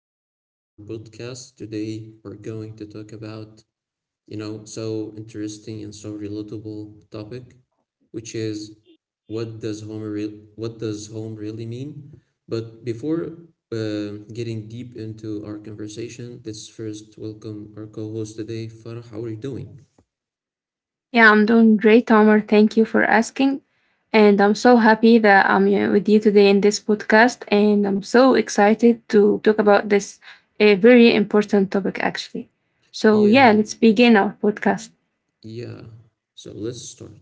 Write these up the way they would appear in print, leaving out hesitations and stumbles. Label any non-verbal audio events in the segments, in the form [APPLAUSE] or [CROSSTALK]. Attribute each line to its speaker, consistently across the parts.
Speaker 1: episode of our podcast. Today, we're going to talk about, you know, so interesting and so relatable topic, which is what does home really mean? But before getting deep into our conversation, let's first welcome our co-host today, Farah. How are you doing?
Speaker 2: Yeah, I'm doing great, Omar. Thank you for asking. And I'm so happy that I'm with you today in this podcast. And I'm so excited to talk about this a very important topic, actually. So, yeah,
Speaker 1: Yeah,
Speaker 2: let's begin our podcast.
Speaker 1: yeah. So let's start.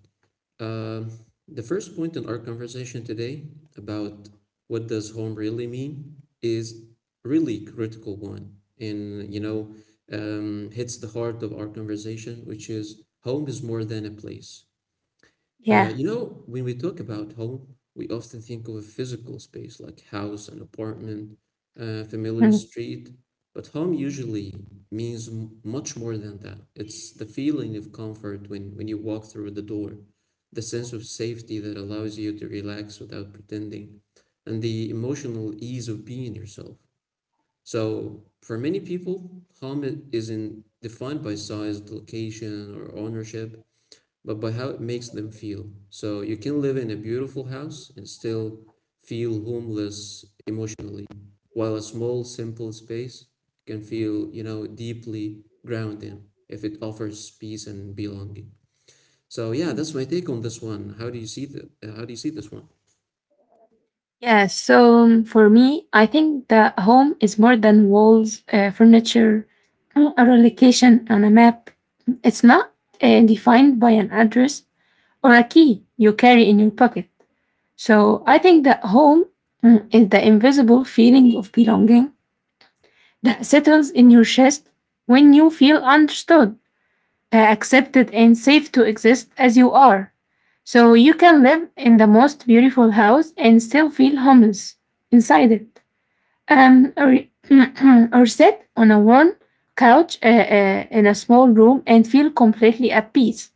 Speaker 1: Um, the first point in our conversation today about what does home really mean is really critical one, and you know, hits the heart of our conversation, which is home is more than a place.
Speaker 2: Yeah.
Speaker 1: You know, when we talk about home, we often think of a physical space like house, an apartment, a familiar
Speaker 2: [LAUGHS]
Speaker 1: street. But home usually means much more than that. It's the feeling of comfort when you walk through the door, the sense of safety that allows you to relax without pretending, and the emotional ease of being yourself. So, for many people, home isn't defined by size, location, or ownership but by how it makes them feel. So you can live in a beautiful house and still feel homeless emotionally, while a small, simple space can feel, you know, deeply grounding if it offers peace and belonging. So yeah,
Speaker 2: Mm.
Speaker 1: that's my take on this one. How do you see how do you see this one?
Speaker 2: Yeah. So, for me, I think that home is more than walls, furniture, or a location on a map. It's not defined by an address or a key you carry in your pocket. So I think that home is the invisible feeling of belonging that settles in your chest when you feel understood, accepted, and safe to exist as you are. So you can live in the most beautiful house and still feel homeless inside it or, [CLEARS THROAT] or sit on a warm couch in a small room and feel completely at peace.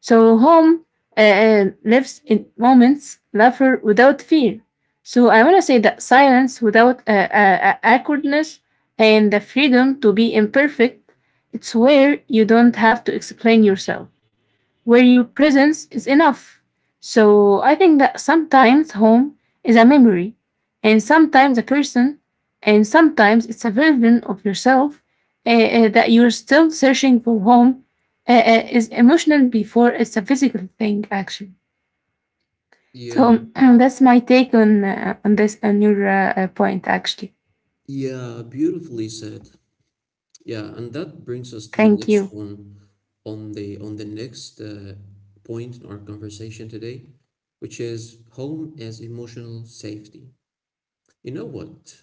Speaker 2: So home lives in moments, laughter without fear. So I want to say that silence without awkwardness and the freedom to be imperfect. It's where you don't have to explain yourself, where your presence is enough. So I think that sometimes home is a memory, and sometimes a person, and sometimes it's a version of yourself that you're still searching for. Home is emotional before it's a physical thing, actually.
Speaker 1: Yeah.
Speaker 2: So [CLEARS THROAT] that's my take on this on your point, actually.
Speaker 1: Yeah, beautifully said. Yeah, and that brings us to the
Speaker 2: Thank
Speaker 1: next
Speaker 2: you.
Speaker 1: one on the next point in our conversation today, which is home as emotional safety. You know what?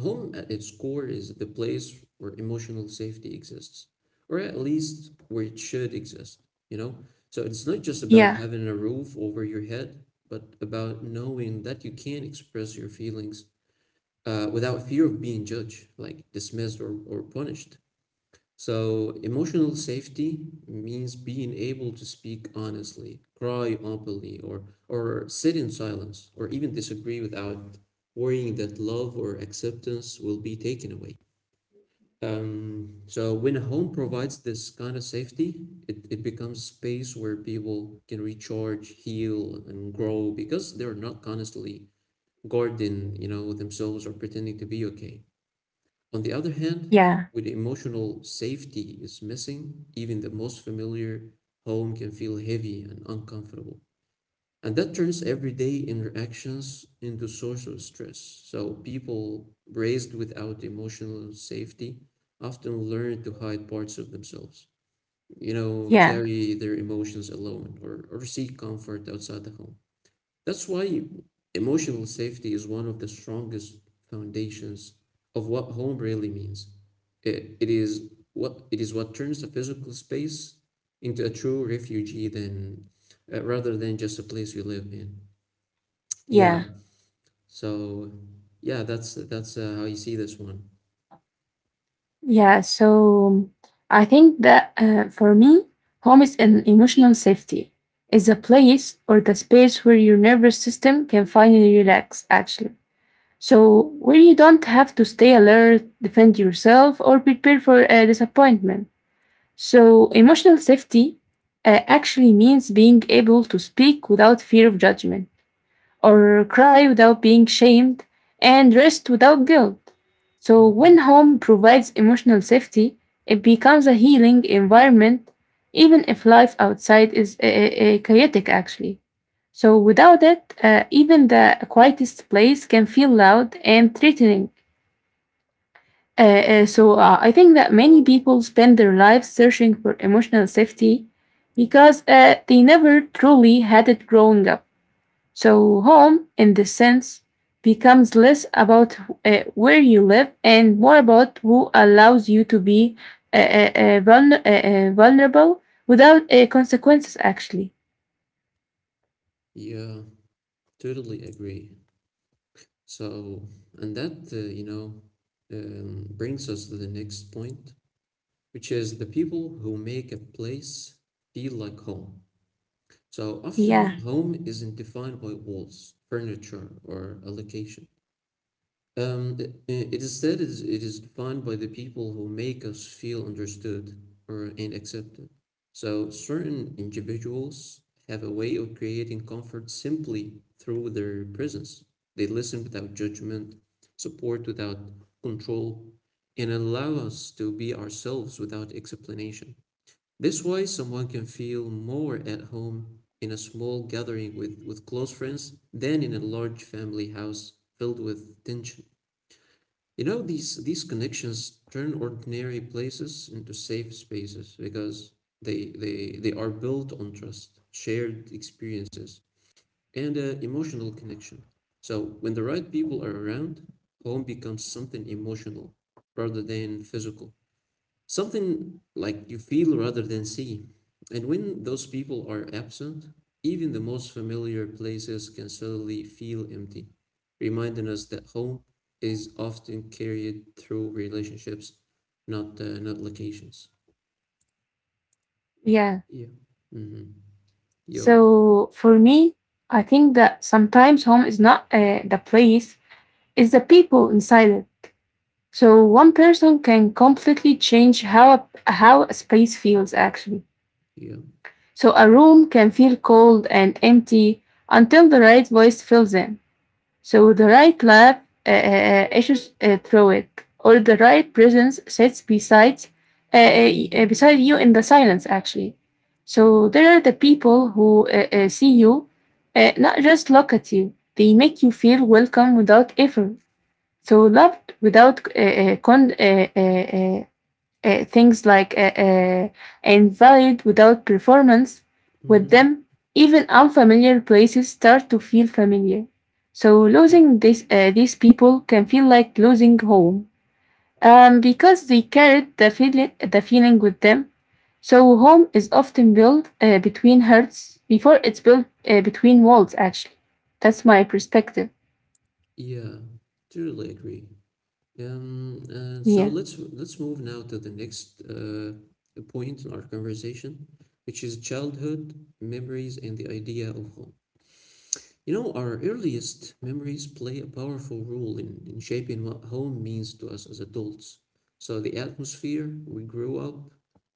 Speaker 1: Home at its core is the place where emotional safety exists, or at least where it should exist, you know? So it's not just about
Speaker 2: Yeah,
Speaker 1: having a roof over your head, but about knowing that you can express your feelings without fear of being judged, like dismissed or punished. So, emotional safety means being able to speak honestly, cry openly, or sit in silence, or even disagree without worrying that love or acceptance will be taken away. So, when a home provides this kind of safety, it becomes a space where people can recharge, heal, and grow because they're not constantly guarding, you know, themselves or pretending to be okay. On the other hand,
Speaker 2: yeah,
Speaker 1: when emotional safety is missing, even the most familiar home can feel heavy and uncomfortable. And that turns everyday interactions into source of stress. So people raised without emotional safety often learn to hide parts of themselves, you know,
Speaker 2: yeah,
Speaker 1: carry their emotions alone or seek comfort outside the home. That's why emotional safety is one of the strongest foundations of what home really means. It is what turns the physical space into a true refugee than rather than just a place you live in. Yeah.
Speaker 2: yeah.
Speaker 1: So yeah, that's how you see this one.
Speaker 2: Yeah, so I think that for me, home is an emotional safety. It's a place or the space where your nervous system can finally relax, actually. So, where you don't have to stay alert, defend yourself, or prepare for a disappointment. So, emotional safety actually means being able to speak without fear of judgment or cry without being shamed, and rest without guilt. So, when
Speaker 1: Mhm.
Speaker 2: home provides emotional safety, it becomes a healing environment, even if life outside is chaotic, actually. So, without it, even the quietest place can feel loud and threatening. I think that many people spend their lives searching for emotional safety because they never truly had it growing up. So, home in this sense becomes less about where you live and more about who allows you to be vulnerable without consequences, actually.
Speaker 1: Yeah, totally agree. So, and you know, brings us to the next point, which is the people who make a place feel like home. So
Speaker 2: Yeah,
Speaker 1: often, home isn't defined by walls, furniture, or a location. Um, it instead is defined by the people who make us feel understood or and accepted. So certain individuals have a way of creating comfort simply through their presence. They listen without judgment, support without control, and allow us to be ourselves without explanation. This way, someone can feel more at home in a small gathering with close friends than in a large family house filled with tension. You know, these connections turn ordinary places into safe spaces because they are built on trust, shared experiences, and emotional connection. So, when the right people are around, home becomes something emotional rather than physical something like you feel rather than see. And when those people are absent, even the most familiar places can suddenly feel empty, reminding us that home is often carried through relationships, not locations.
Speaker 2: yeah.
Speaker 1: Yeah. Mm-hmm. Yeah.
Speaker 2: So, for me, I think that sometimes home is not the place, it's the people inside it. So, one person can completely change how a space feels, actually.
Speaker 1: Yeah.
Speaker 2: So a room can feel cold and empty until the right voice fills in. So the right laugh issues through it, or the right presence sits beside you in the silence. Actually, so there are the people who see you, not just look at you. They make you feel welcome without effort. So loved without con- things like invalid without performance, with
Speaker 1: Mm-hmm.
Speaker 2: them, even unfamiliar places start to feel familiar. So
Speaker 1: Yeah.
Speaker 2: losing this, these people can feel like losing home because they carried the feeling with them. So home is often built between hearts before it's built between walls, actually. That's my perspective.
Speaker 1: Yeah. Totally agree. Um, uh, so
Speaker 2: Yeah,
Speaker 1: let's let's move now to the next point in our conversation, which is childhood memories and the idea of home. You know, our earliest memories play a powerful role in shaping what home means to us as adults. So, the atmosphere we grew up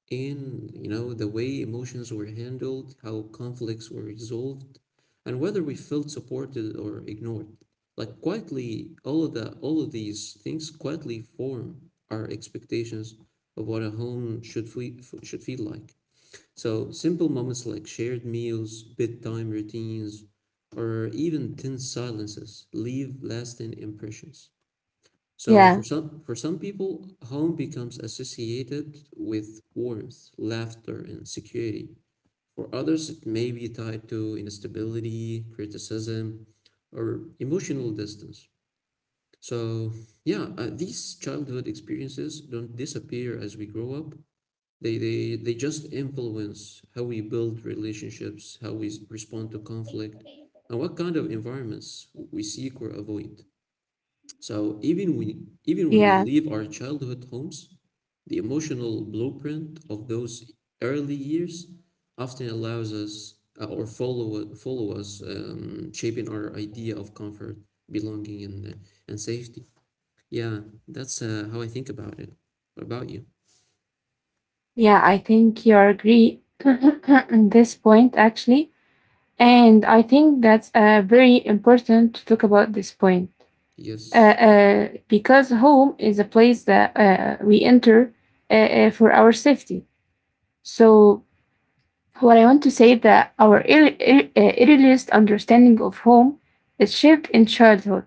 Speaker 1: in, you know, the way emotions were handled, how conflicts were resolved, and whether we felt supported or ignored. Like quietly, all of these things quietly form our expectations of what a home should should feel like. So simple moments like shared meals, bedtime routines, or even 10 silences leave lasting impressions. So
Speaker 2: yeah,
Speaker 1: for some people, home becomes associated with warmth, laughter, and security. For others, it may be tied to instability, criticism, or emotional distance. So yeah, these childhood experiences don't disappear as we grow up. They just influence how we build relationships, how we respond to conflict, and what kind of environments we seek or avoid. So
Speaker 2: yeah,
Speaker 1: even when we leave our childhood homes, the emotional blueprint of those early years often allows us or follow us, shaping our idea of comfort, belonging, and safety. Yeah, that's how I think about it. What about you?
Speaker 2: yeah. I think you agree [CLEARS THROAT] on this point, actually. And I think that's very important to talk about this point.
Speaker 1: Yes.
Speaker 2: Because home is a place that we enter for our safety. So, what I want to say that our earliest understanding of home is shaped in childhood.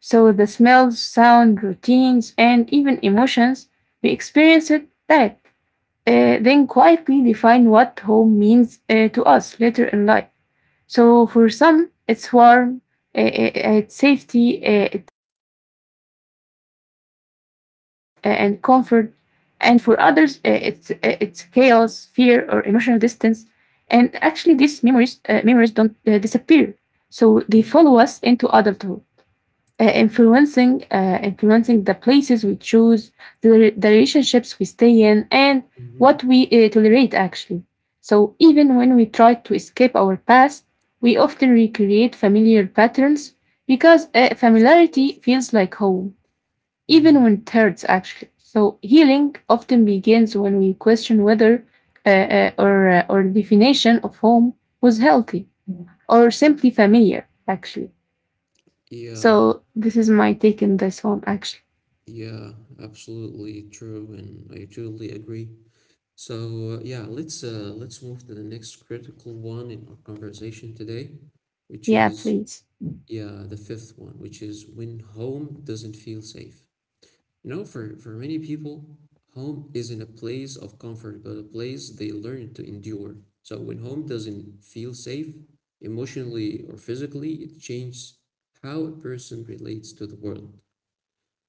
Speaker 2: So, the smells, sound, routines, and even emotions we experience it that then quietly define what home means to us later in life. So for some, it's warm, it's safety, and comfort, and for others, it's chaos, fear, or emotional distance. And actually, these memories don't disappear, so they follow us
Speaker 1: Yeah.
Speaker 2: into adulthood influencing the places we choose, the relationships we stay in, and what
Speaker 1: Hmm.
Speaker 2: we tolerate actually. So even when we try to escape our past, we often recreate familiar patterns because familiarity feels like home, even
Speaker 1: Mhm.
Speaker 2: when it hurts actually. So healing often begins when we question whether or definition of home was healthy or simply familiar actually.
Speaker 1: Yeah,
Speaker 2: So this is my take in this one, actually.
Speaker 1: yeah, absolutely true, and I totally agree. So, yeah, let's move to the next critical one in our conversation today, which
Speaker 2: Yeah,
Speaker 1: is
Speaker 2: please.
Speaker 1: yeah, the fifth one, which is when home doesn't feel safe. You know, for many people, home isn't a place of comfort, but a place they learn to endure. So when home doesn't feel safe, emotionally or physically, it changes how a person relates to the world.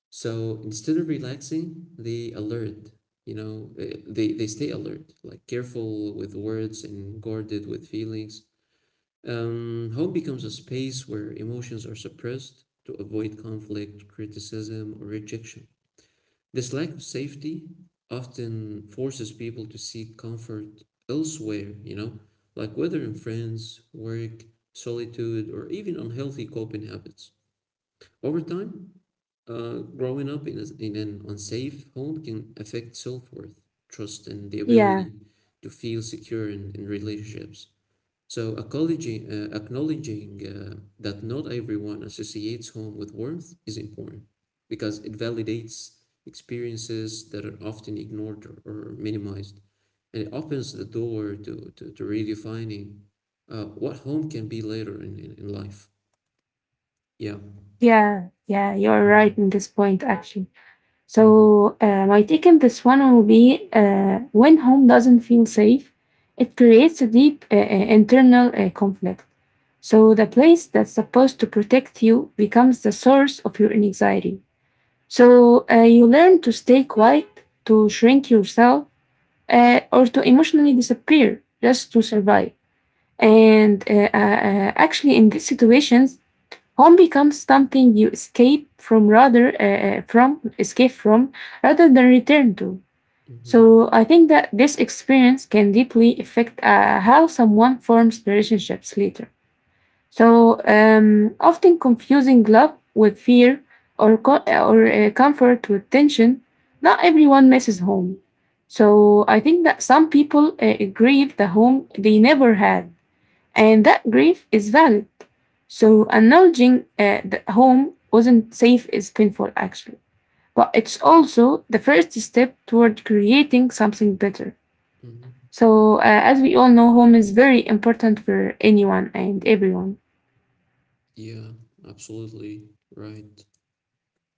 Speaker 1: So instead of relaxing, they alert, you know, they stay alert, like careful with words and guarded with feelings. Home becomes a space where emotions are suppressed to avoid conflict, criticism, or rejection. This lack of safety often forces people to seek comfort elsewhere, you know, like whether in friends, work, solitude, or even unhealthy coping habits. Over time, growing up in an unsafe home can affect self-worth, trust, and the
Speaker 2: Yeah,
Speaker 1: ability to feel secure in relationships. So, acknowledging that not everyone associates home with warmth is important because it validates experiences that are often ignored or minimized. And it opens the door to redefining what home can be later in life. Yeah.
Speaker 2: yeah, yeah. You're right
Speaker 1: Mm-hmm.
Speaker 2: in this point, actually.
Speaker 1: Mm-hmm.
Speaker 2: So my take in this one will be when home doesn't feel safe, it creates a deep internal conflict. So the place that's supposed to protect you becomes the source of your anxiety. So you learn to stay quiet, to shrink yourself, or to emotionally disappear just to survive. And actually, in these situations, home becomes something you escape from rather than return to.
Speaker 1: Mm-hmm.
Speaker 2: So I think that this experience can deeply affect how someone forms relationships later. So often confusing love with fear or comfort with tension. Not everyone misses home. So I think that some people grieve the home they never had, and that grief is valid. So acknowledging that home wasn't safe is painful, actually. But it's also the first step toward creating something better.
Speaker 1: Mm-hmm.
Speaker 2: So, as we all know, home is very important for anyone and everyone.
Speaker 1: Yeah, absolutely right.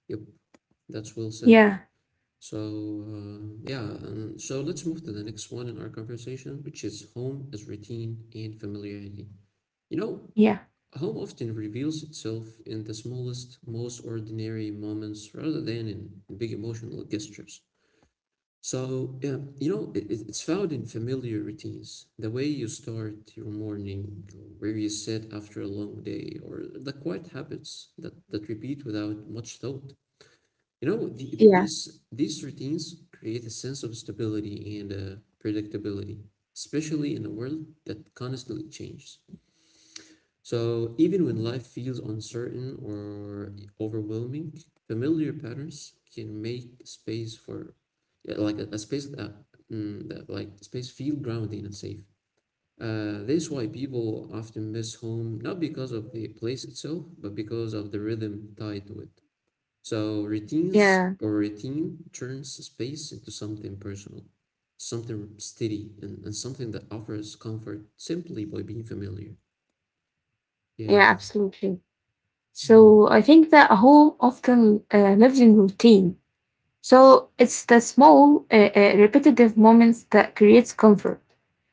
Speaker 1: Yep, that's well said.
Speaker 2: Yeah,
Speaker 1: So, yeah, and so let's move to the next one in our conversation, which is home as routine and familiarity. You know,
Speaker 2: yeah,
Speaker 1: home often reveals itself in the smallest, most ordinary moments rather than in big emotional gestures. So, yeah, you know, it's found in familiar routines. The way you start your morning, where you sit after a long day, or the quiet habits that repeat without much thought. You know, the, the,
Speaker 2: yeah,
Speaker 1: these, these routines create a sense of stability and predictability, especially in a world that constantly changes. So even when life feels uncertain or overwhelming, familiar patterns can make space for yeah, like a space that space feel grounding and safe. This is why people often miss home, not because of the place itself, but because of the rhythm tied to it. So
Speaker 2: yeah,
Speaker 1: routine turns space into something personal, something steady, and something that offers comfort simply by being familiar. Yeah.
Speaker 2: yeah, absolutely. So, I think that a home often lives in routine. So it's the small, repetitive moments that creates comfort.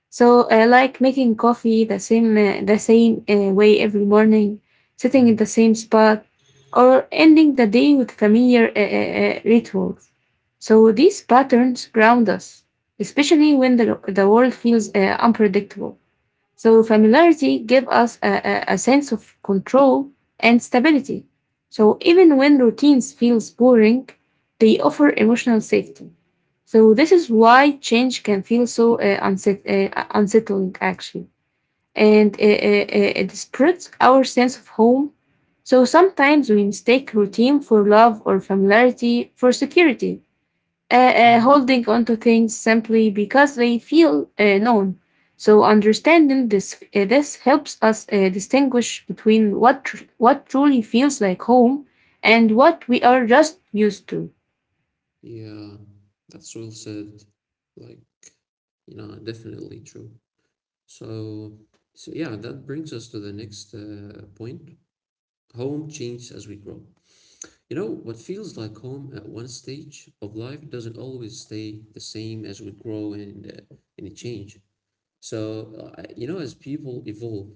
Speaker 2: So I like making coffee the same way every morning, sitting in
Speaker 1: Mhm.
Speaker 2: the same spot, or ending the day with familiar rituals. So these patterns ground us, especially when the world feels unpredictable. So familiarity gives us a sense of control and stability. So even when routines feels boring, they offer emotional safety. So this is why change can feel so unsettling actually, and it spreads our sense of home. So sometimes we mistake routine for love or familiarity for security
Speaker 1: Mhm.
Speaker 2: holding onto things simply because they feel known. So understanding this helps us distinguish between what truly feels like home and what we are just used to.
Speaker 1: Yeah, that's well said. Like, you know, definitely true. So, so yeah, that brings us to the next point. Home changes as we grow. You know, what feels like home at one stage of life doesn't always stay the same as we grow and it change. So, you know, as people evolve,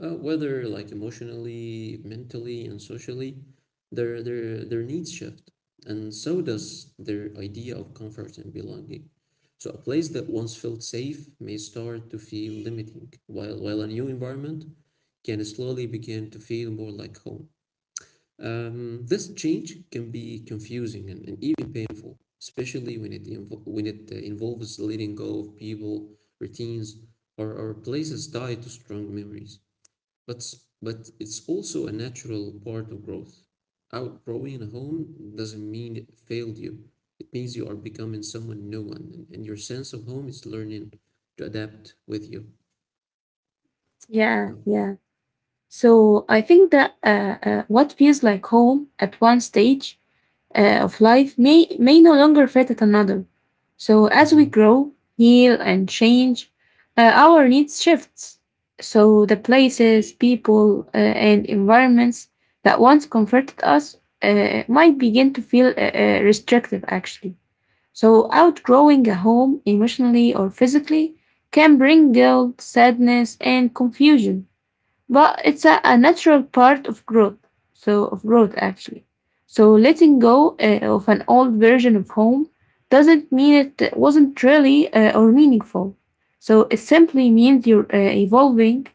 Speaker 1: whether like emotionally, mentally, and socially, their needs shift, and so does their idea of comfort and belonging. So a place that once felt safe may start to feel limiting, while a new environment can slowly begin to feel more like home. This change can be confusing and even painful, especially when it involves letting go of people, routines, or places tied to strong memories. But but it's also a natural part of growth. Outgrowing a home doesn't mean it failed you. It means you are becoming someone new, and your sense of home is learning to adapt with you.
Speaker 2: Yeah,
Speaker 1: Yeah.
Speaker 2: yeah. So I think that what feels like home at one stage of life may no longer fit at another. So as we
Speaker 1: Mhm.
Speaker 2: grow, heal, and change, our needs shifts. So the places, people, and environments that once comforted us might begin to feel restrictive actually. So outgrowing a home emotionally or physically can bring guilt, sadness, and confusion, but it's a natural part of growth actually. So letting go of an old version of home doesn't mean it wasn't really or meaningful. So it simply means you're evolving.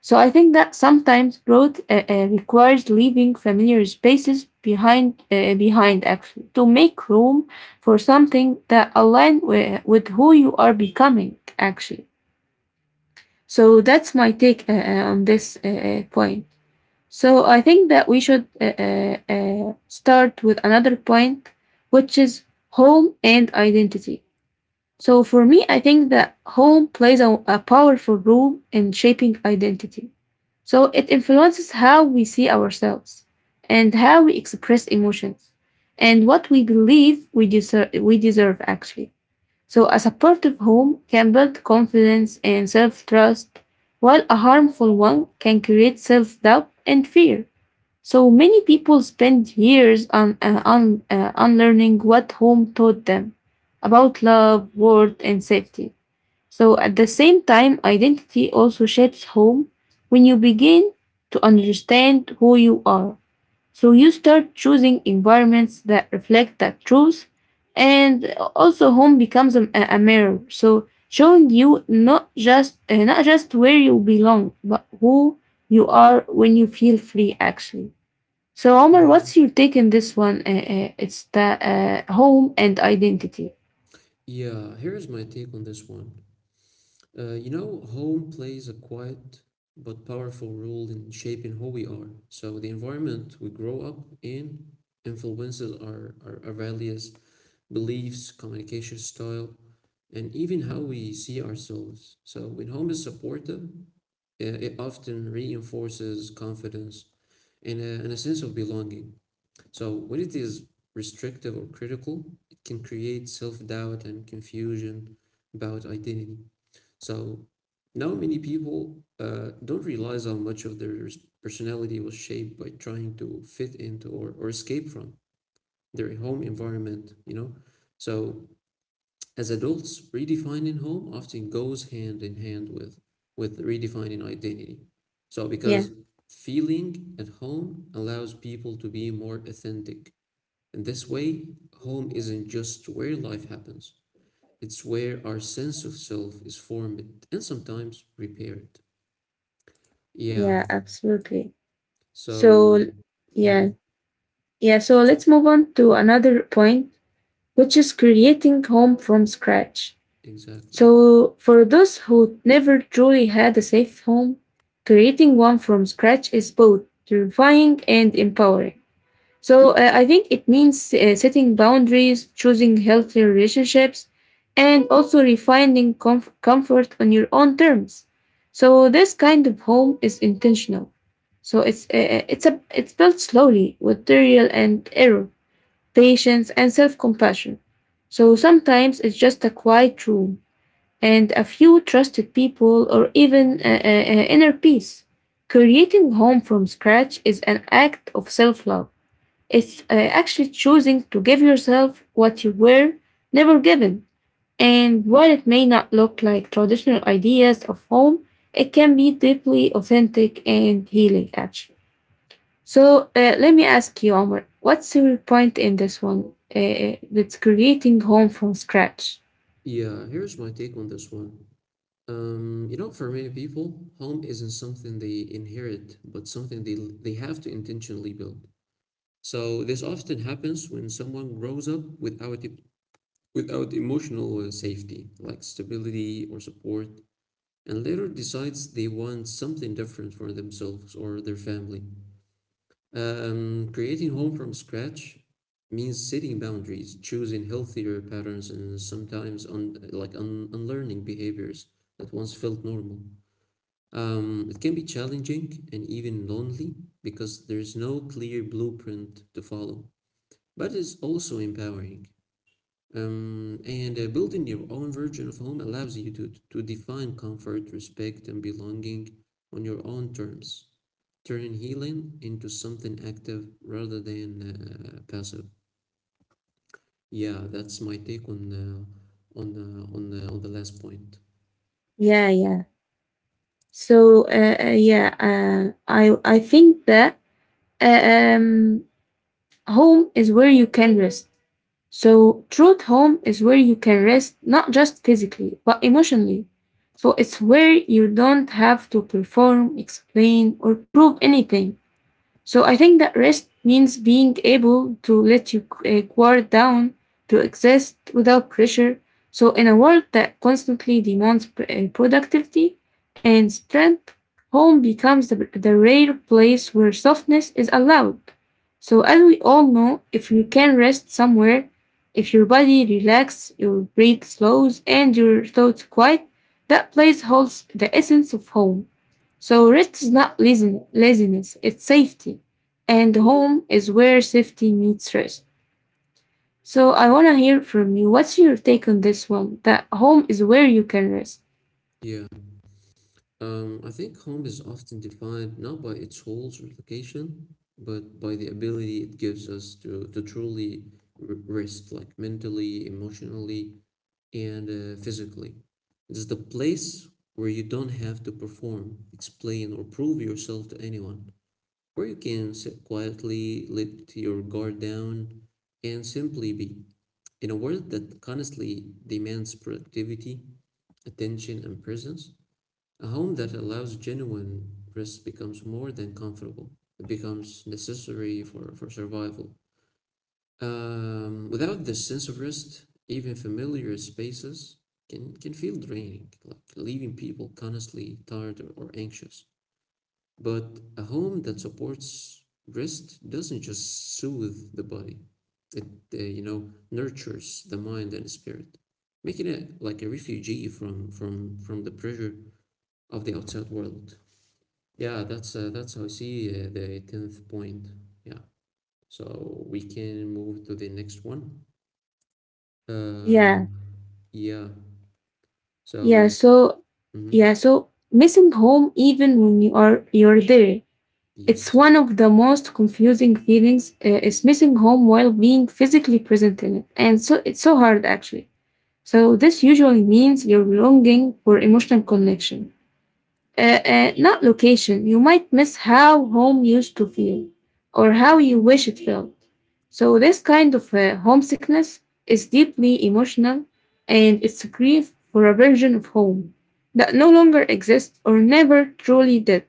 Speaker 2: So I think that sometimes growth requires leaving familiar spaces behind actually, to make room for something that aligns with who you are becoming actually. So that's my take on this point. So I think that we should start with another point, which is home and identity. So for me, I think that home plays a powerful role in shaping identity. So it influences how we see ourselves and how we express emotions and what we believe we deserve actually. So a supportive home can build confidence and self-trust, while a harmful one can create self-doubt and fear. So many people spend years on unlearning what home taught them about love, worth, and safety. So at the same time, identity also shapes home when you begin to understand who you are. So you start choosing environments that reflect that truth, and also home becomes a mirror. So showing you not just where you belong, but who you are when you feel free actually. So, Omar,
Speaker 1: Yeah.
Speaker 2: what's your take on this one? It's the home and identity.
Speaker 1: Yeah, here's my take on this one. You know, home plays a quiet but powerful role in shaping who we are. So the environment we grow up in influences our values, beliefs, communication style, and even how we see ourselves. So when home is supportive, it often reinforces confidence and and a sense of belonging. So when it is restrictive or critical, it can create self doubt and confusion about identity. So now many people don't realize how much of their personality was shaped by trying to fit into or escape from their home environment? So as adults, redefining home often goes hand in hand with redefining identity. So,
Speaker 2: Yeah,
Speaker 1: because feeling at home allows people to be more authentic. In this way, home isn't just where life happens, it's where our sense of self is formed and sometimes repaired. Yeah,
Speaker 2: yeah, absolutely. So, l-
Speaker 1: so,
Speaker 2: yeah,
Speaker 1: mhm,
Speaker 2: yeah. So
Speaker 1: so
Speaker 2: let's move on to another point, which is creating home from scratch.
Speaker 1: exactly.
Speaker 2: So, for those who never truly had a safe home, creating one from scratch is both terrifying and empowering. So I think it means setting boundaries, choosing healthy relationships, and also refining comfort on your own terms. So this kind of home is intentional. So it's built slowly with trial and error, patience and self-compassion. So sometimes it's just a quiet room and a few trusted people or even inner peace. Creating home from scratch is an act of self-love. It's actually choosing to give yourself what you were never given. And while it may not look like traditional ideas of home, it can be deeply authentic and healing, actually. So let me ask you, Omar, what's your point in this one? That's creating home from scratch.
Speaker 1: Yeah, here's my take on this one. You know, for many people, home isn't something they inherit, but something they have to intentionally build. So this often happens when someone grows up without without emotional safety, like stability or support, and later decides they want something different for themselves or their family. Creating home from scratch means setting boundaries, choosing healthier patterns, and sometimes un like un unlearning behaviors that once felt normal. It can be challenging and even lonely because there's no clear blueprint to follow, but it's also empowering. And Building your own version of home allows you to define comfort, respect, and belonging on your own terms, turning healing into something active rather than passive. Yeah, that's my take on on the last point.
Speaker 2: Yeah,
Speaker 1: Yeah.
Speaker 2: yeah. So I think that uh, um, home is where you can rest. Truth home is where you can rest, not just physically, but emotionally. So it's where you don't have to perform, explain, or prove anything. So I think that rest means being able to let your guard down, to exist without pressure. So in a world that constantly demands productivity and strength, home becomes the rare place where softness is allowed. So, as we all know, if you can rest somewhere, if your body relaxes, your breath slows, and your thoughts quiet, that place holds the essence of home. So rest is not laziness, it's safety. And home is where safety meets rest. So I want to hear from you. What's your take on this one? That home is where you can rest.
Speaker 1: Yeah. I think home is often defined not by its holes or location, but by the ability it gives us to truly rest, like mentally, emotionally, and physically. It's the place where you don't have to perform, explain, or prove yourself to anyone, where you can sit quietly, let your guard down, and simply be. In a world that constantly demands productivity, attention, and presence, a home that allows genuine rest becomes more than comfortable. It becomes necessary for survival. Without this sense of rest, even familiar spaces can feel draining, like leaving people constantly tired or anxious. But a home that supports rest doesn't just soothe the body, it, you know, nurtures the mind and spirit, making it like a refugee from the pressure of the outside world. Yeah, that's how I see the tenth point. Yeah, so we can move to the next one. Uh,
Speaker 2: Yeah.
Speaker 1: yeah.
Speaker 2: Yeah.
Speaker 1: So,
Speaker 2: So,
Speaker 1: hmm
Speaker 2: yeah. So missing home, even when you're there, it's
Speaker 1: yes,
Speaker 2: one of the most confusing feelings. Is missing home while being physically present in it, and so it's so hard actually. So this usually means you're longing for emotional connection, not location. You might miss how home used to feel or how you wish it felt. So this kind of homesickness is deeply emotional, and it's a grief for a version of home that no longer exists or never truly did.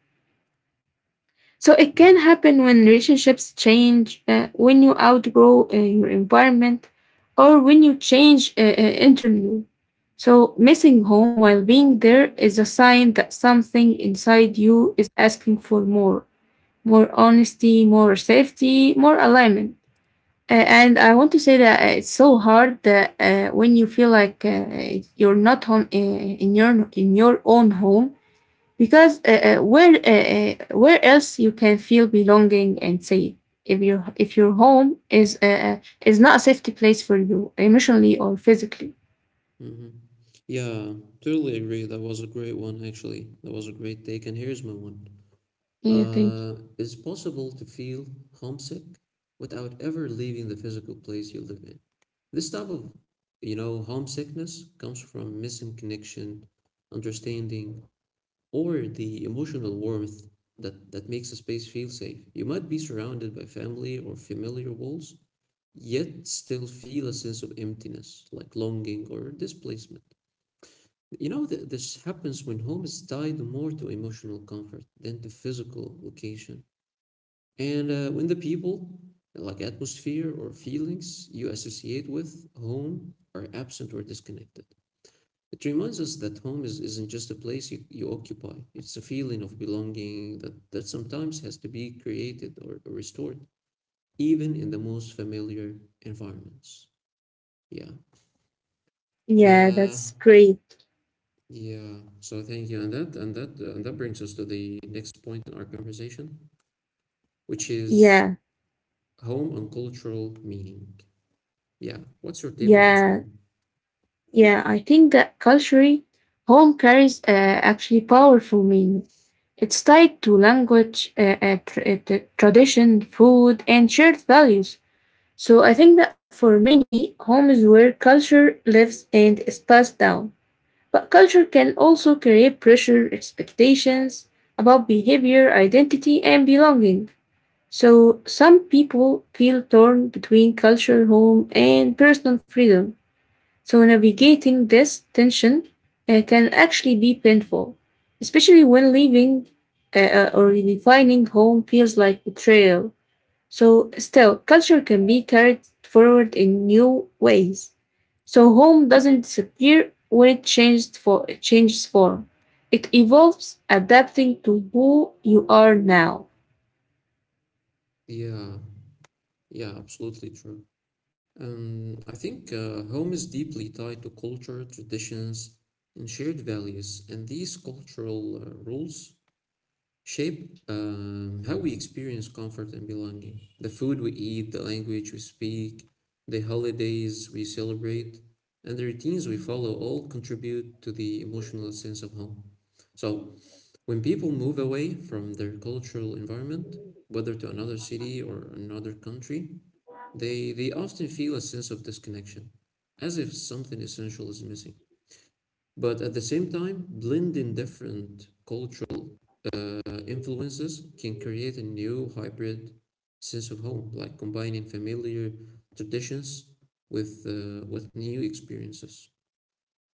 Speaker 2: So it
Speaker 1: yeah,
Speaker 2: can happen when relationships change, when you outgrow your environment, or when you change internally. So missing home while being there is a sign that something inside you is asking for more, more honesty, more safety, more alignment. And I want to say that it's so hard that when you feel like you're not home in your own home, because where else you can feel belonging and safe if your home is not a safety place for you emotionally or physically.
Speaker 1: hmm yeah. Totally agree. That was a great one, actually. That was a great take. And here's my one.
Speaker 2: I think
Speaker 1: It's possible to feel homesick without ever leaving the physical place you live in. This type of, you know, homesickness comes from missing connection, understanding, or the emotional warmth that makes a space feel safe. You might be surrounded by family or familiar walls, yet still feel a sense of emptiness, like longing or displacement. You know, this happens when home is tied more to emotional comfort than to physical location. And when the people, like atmosphere or feelings you associate with home, are absent or disconnected. It reminds us that home is, isn't just a place you occupy. It's a feeling of belonging that sometimes has to be created or restored, even in the most familiar environments. Yeah.
Speaker 2: yeah,
Speaker 1: Uh,
Speaker 2: that's great.
Speaker 1: yeah. So thank you. And that brings us to the next point in our conversation, which is
Speaker 2: yeah
Speaker 1: home and cultural meaning. Yeah. What's your take on this
Speaker 2: yeah
Speaker 1: one?
Speaker 2: yeah. I think that culturally home carries actually powerful meaning. It's tied to language, tradition, food, and shared values. So I think that for many, home is where culture lives and is passed down. But culture can also create pressure, expectations about behavior, identity, and belonging. So some people feel torn between culture, home, and personal freedom. So navigating this tension can actually be painful, especially when leaving or redefining home feels like betrayal. So, still, culture can be carried forward in new ways. So home doesn't disappear when it changes, changes form. It evolves, adapting to who you are now.
Speaker 1: Yeah. Yeah. Absolutely true. I think home is deeply tied to culture, traditions, and shared values, and these cultural rules shape how we experience comfort and belonging. The food we eat, the language we speak, the holidays we celebrate, and the routines we follow all contribute to the emotional sense of home. So, when people move away from their cultural environment, whether to another city or another country, they often feel a sense of disconnection, as if something essential is missing. But at the same time, blending different cultural influences can create a new hybrid sense of home, like combining familiar traditions with new experiences.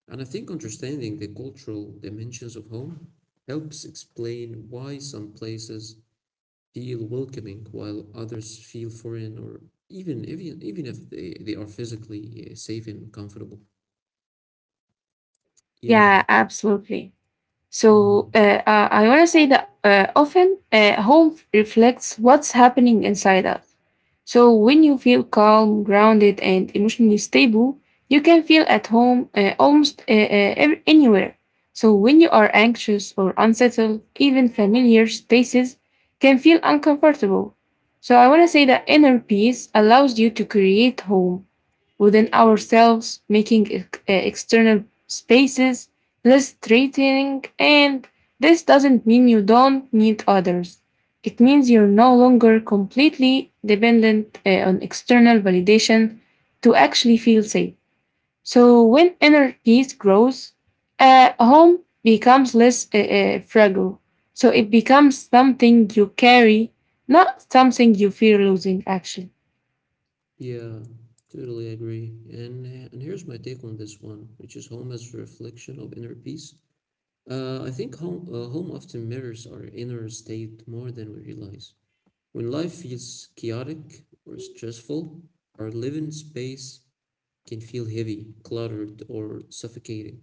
Speaker 1: And I think understanding the cultural dimensions of home helps explain why some places feel welcoming while others feel foreign or even if they are physically safe and comfortable. Yeah.
Speaker 2: Yeah, absolutely. So
Speaker 1: hmm
Speaker 2: uh, uh, I want to say that often home reflects what's happening inside us. So when you feel calm, grounded, and emotionally stable, you can feel at home almost anywhere. So when you are anxious or unsettled, even familiar spaces can feel uncomfortable. So I want to say that inner peace allows you to create home within ourselves, making external spaces less threatening. And this doesn't mean you don't need others. It means you're no longer completely dependent on external validation to actually feel safe. So when inner peace grows, home becomes less fragile. So it becomes something you carry, not something you fear losing, actually.
Speaker 1: Yeah, totally agree. And here's my take on this one, which is home as a reflection of inner peace. I think home often mirrors our inner state more than we realize. When life feels chaotic or stressful, our living space can feel heavy, cluttered, or suffocating.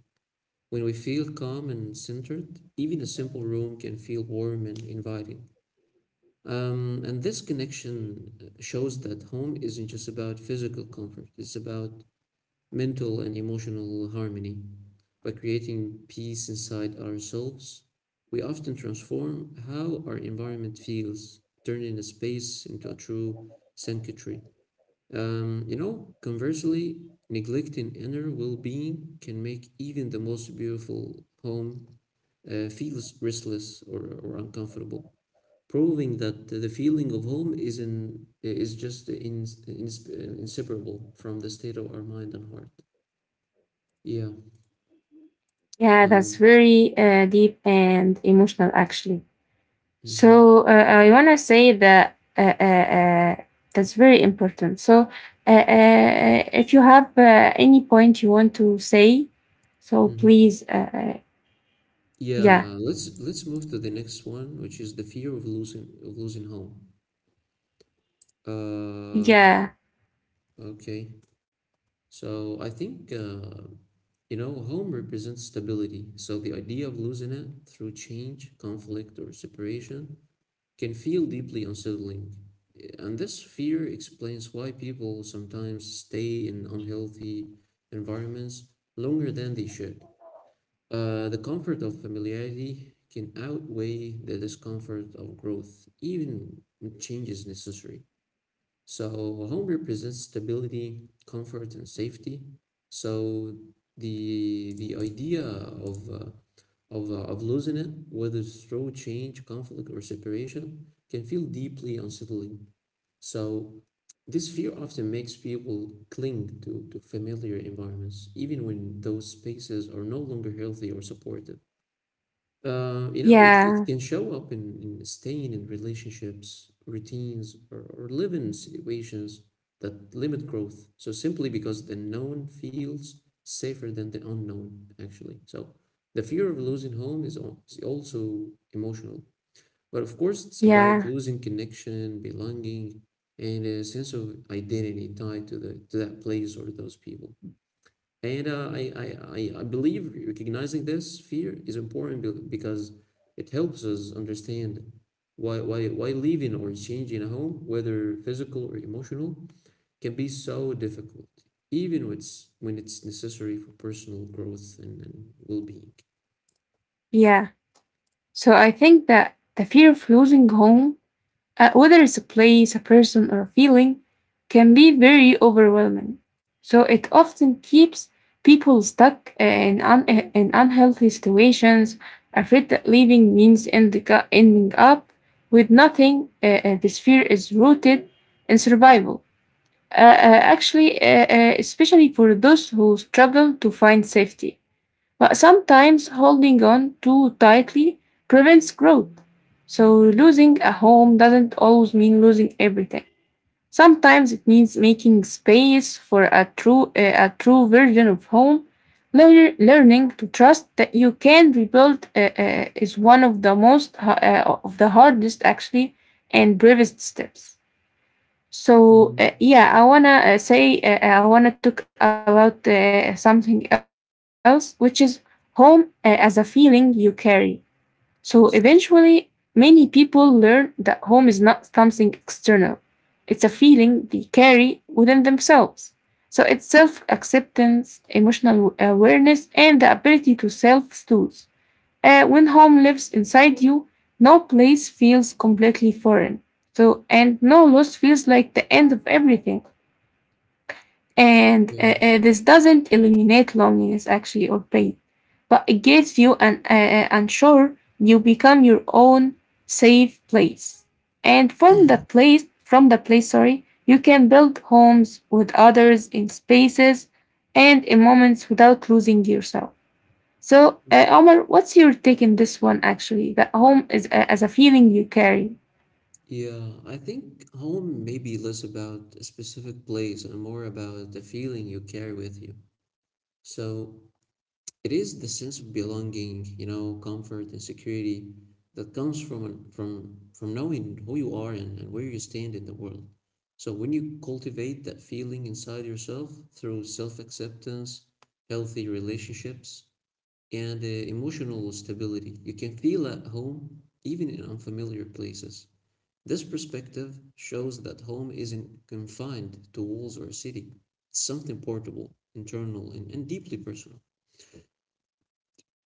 Speaker 1: When we feel calm and centered, even a simple room can feel warm and inviting. And this connection shows that home isn't just about physical comfort, it's about mental and emotional harmony. By creating peace inside ourselves, we often transform how our environment feels, turning a space into a true sanctuary. You know, conversely, neglecting inner well being can make even the most beautiful home feels restless or uncomfortable, proving that the feeling of home is in is just in, ins inseparable from the state of our mind and heart. Yeah.
Speaker 2: Yeah, that's
Speaker 1: Um,
Speaker 2: very deep and emotional, actually.
Speaker 1: mhm,
Speaker 2: So I want to say that that's very important. So if you have any point you want to say, so
Speaker 1: mhm.
Speaker 2: please, yeah,
Speaker 1: Yeah. Let's move to the next one, which is the fear of losing home. Uh,
Speaker 2: yeah,
Speaker 1: okay. So I think you know home represents stability. So the idea of losing it through change, conflict, or separation can feel deeply unsettling. And this fear explains why people sometimes stay in unhealthy environments longer than they should. The comfort of familiarity can outweigh the discomfort of growth, even when change is necessary. So home represents stability, comfort, and safety. So the idea of losing it, whether through change, conflict, or separation, can feel deeply unsettling. So this fear often makes people cling to familiar environments, even when those spaces are no longer healthy or supportive. You know, it
Speaker 2: yeah,
Speaker 1: can show up in staying in relationships, routines, or living situations that limit growth. So simply because the known feels safer than the unknown, actually. So the fear of losing home is also emotional. But of course, it's about
Speaker 2: yeah,
Speaker 1: losing connection, belonging, and a sense of identity tied to the to that place or those people. And I believe recognizing this fear is important because it helps us understand why leaving or changing a home, whether physical or emotional, can be so difficult, even when it's necessary for personal growth and well being.
Speaker 2: yeah. So I think that the fear of losing home, uh, whether it's a place, a person, or a feeling, can be very overwhelming. So it often keeps people stuck in, in unhealthy situations, afraid that leaving means ending up with nothing. This fear is rooted in survival, actually, especially for those who struggle to find safety. But sometimes holding on too tightly prevents growth. So losing a home doesn't always mean losing everything. Sometimes it means making space for a true, a true version of home. Learning to trust that you can rebuild is one of the most of the hardest, actually, and bravest steps. So
Speaker 1: Hmm
Speaker 2: yeah, I wanna say I wanna talk about something else, which is home as a feeling you carry. So, eventually,
Speaker 1: Yes.
Speaker 2: many people learn that home is not something external; it's a feeling they carry within themselves. So it's self acceptance, emotional awareness, and the ability to self soothe. When home lives inside you, no place feels completely foreign. So, and no loss feels like the end of everything. And uh,
Speaker 1: Yeah.
Speaker 2: uh, this doesn't eliminate loneliness, actually, or pain, but it gives you an unsure. You become your own safe place, and from the place, sorry, you can build homes with others, in spaces and in moments, without losing yourself. So,
Speaker 1: Mm.
Speaker 2: Omar, what's your take in this one actually? That home is as a feeling you carry.
Speaker 1: Yeah. I think home may be less about a specific place and more about the feeling you carry with you. So it is the sense of belonging, you know, comfort and security that comes from knowing who you are and where you stand in the world. So when you cultivate that feeling inside yourself through self-acceptance, healthy relationships, and emotional stability, you can feel at home even in unfamiliar places. This perspective shows that home isn't confined to walls or a city. It's something portable, internal, and deeply personal.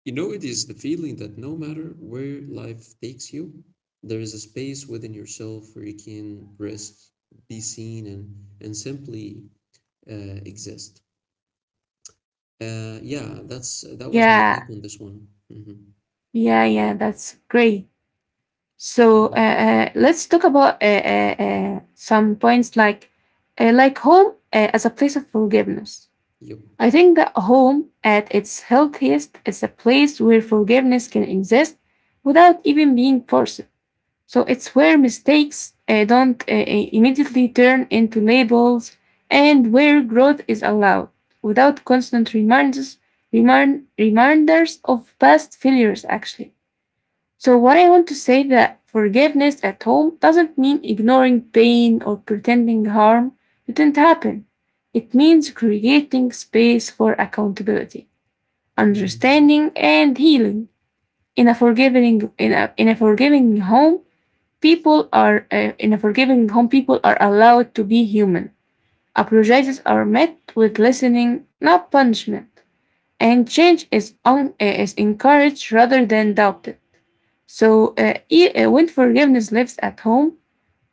Speaker 1: You know, it is the feeling that no matter where life takes you, there is a space within yourself where you can rest, be seen, and simply exist. Yeah, that's that was my take
Speaker 2: Yeah,
Speaker 1: on this one. Mm-hmm.
Speaker 2: yeah, yeah, that's great. So,
Speaker 1: Yeah.
Speaker 2: let's talk about some points like home as a place of forgiveness.
Speaker 1: Yep.
Speaker 2: I think that home, at its healthiest, is a place where forgiveness can exist without even being forced. So it's where mistakes don't immediately turn into labels, and where growth is allowed without constant reminders, reminders of past failures, actually. So, what I want to say, that forgiveness at home doesn't mean ignoring pain or pretending harm didn't happen. It means creating space for accountability,
Speaker 1: Mm-hmm.
Speaker 2: understanding, and healing. In a forgiving home, in a forgiving home, people are allowed to be human. Apologies are met with listening, not punishment. And change is, is encouraged rather than doubted. So when forgiveness lives at home,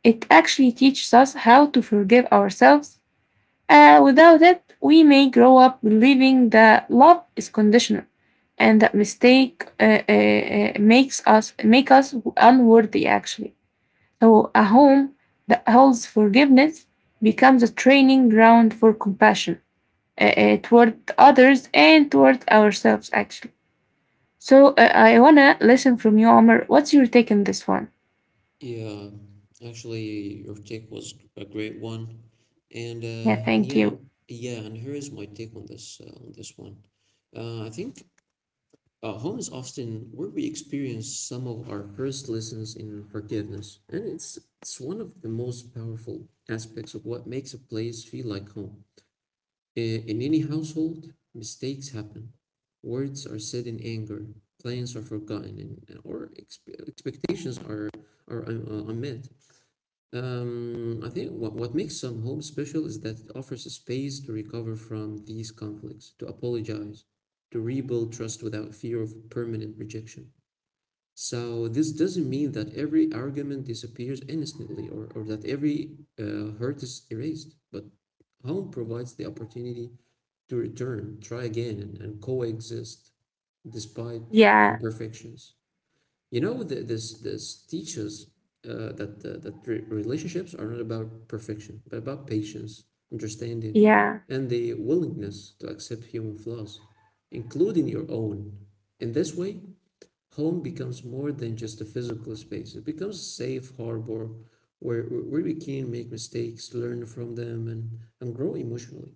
Speaker 2: it actually teaches us how to forgive ourselves. Without it, we may grow up believing that love is conditional and that mistake make us unworthy, actually. So a home that holds forgiveness becomes a training ground for compassion, toward others and toward ourselves, actually. So, I want to listen from you, Omar. What's your take on this one?
Speaker 1: Yeah, actually, your take was a great one,
Speaker 2: Yeah,
Speaker 1: and
Speaker 2: thank
Speaker 1: yeah,
Speaker 2: you.
Speaker 1: yeah, and here is my take on this one. I think Home is often where we experience some of our first lessons in forgiveness, and it's one of the most powerful aspects of what makes a place feel like home. In any household, mistakes happen. Words are said in anger, plans are forgotten, and or expectations are unmet. I think what makes some homes special is that it offers a space to recover from these conflicts, to apologize, to rebuild trust without fear of permanent rejection. So this doesn't mean that every argument disappears instantly or that every hurt is erased, but home provides the opportunity to return, try again, and coexist despite
Speaker 2: Yeah,
Speaker 1: imperfections. You know, th this this teaches that re relationships are not about perfection, but about patience, understanding,
Speaker 2: yeah,
Speaker 1: and the willingness to accept human flaws, including your own. In this way, home becomes more than just a physical space. It becomes a safe harbor where where we can make mistakes, learn from them, and grow emotionally.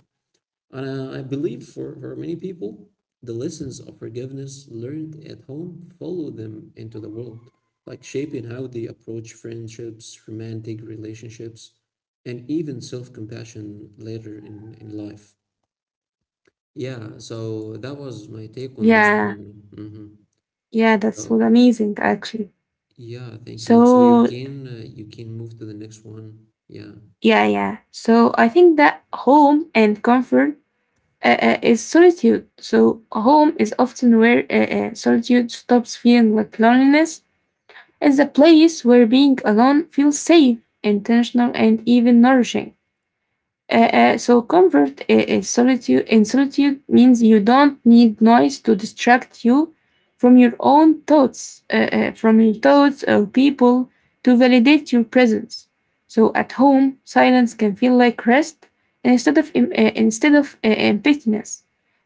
Speaker 1: And I believe for many people, the lessons of forgiveness learned at home follow them into the world, like shaping how they approach friendships, romantic relationships, and even self compassion later in life. Yeah, so that was my take on this
Speaker 2: yeah,
Speaker 1: one.
Speaker 2: yeah, that's what
Speaker 1: So,
Speaker 2: amazing, actually.
Speaker 1: yeah, thank you. So
Speaker 2: So,
Speaker 1: you can move to the next one. Yeah,
Speaker 2: yeah, yeah. So I think that home and comfort, is solitude. So, home is often where solitude stops feeling like loneliness, as a place where being alone feels safe, intentional, and even nourishing. So comfort is solitude. In solitude means you don't need noise to distract you from your own thoughts, from your thoughts or people to validate your presence. So at home, silence can feel like rest instead of emptiness.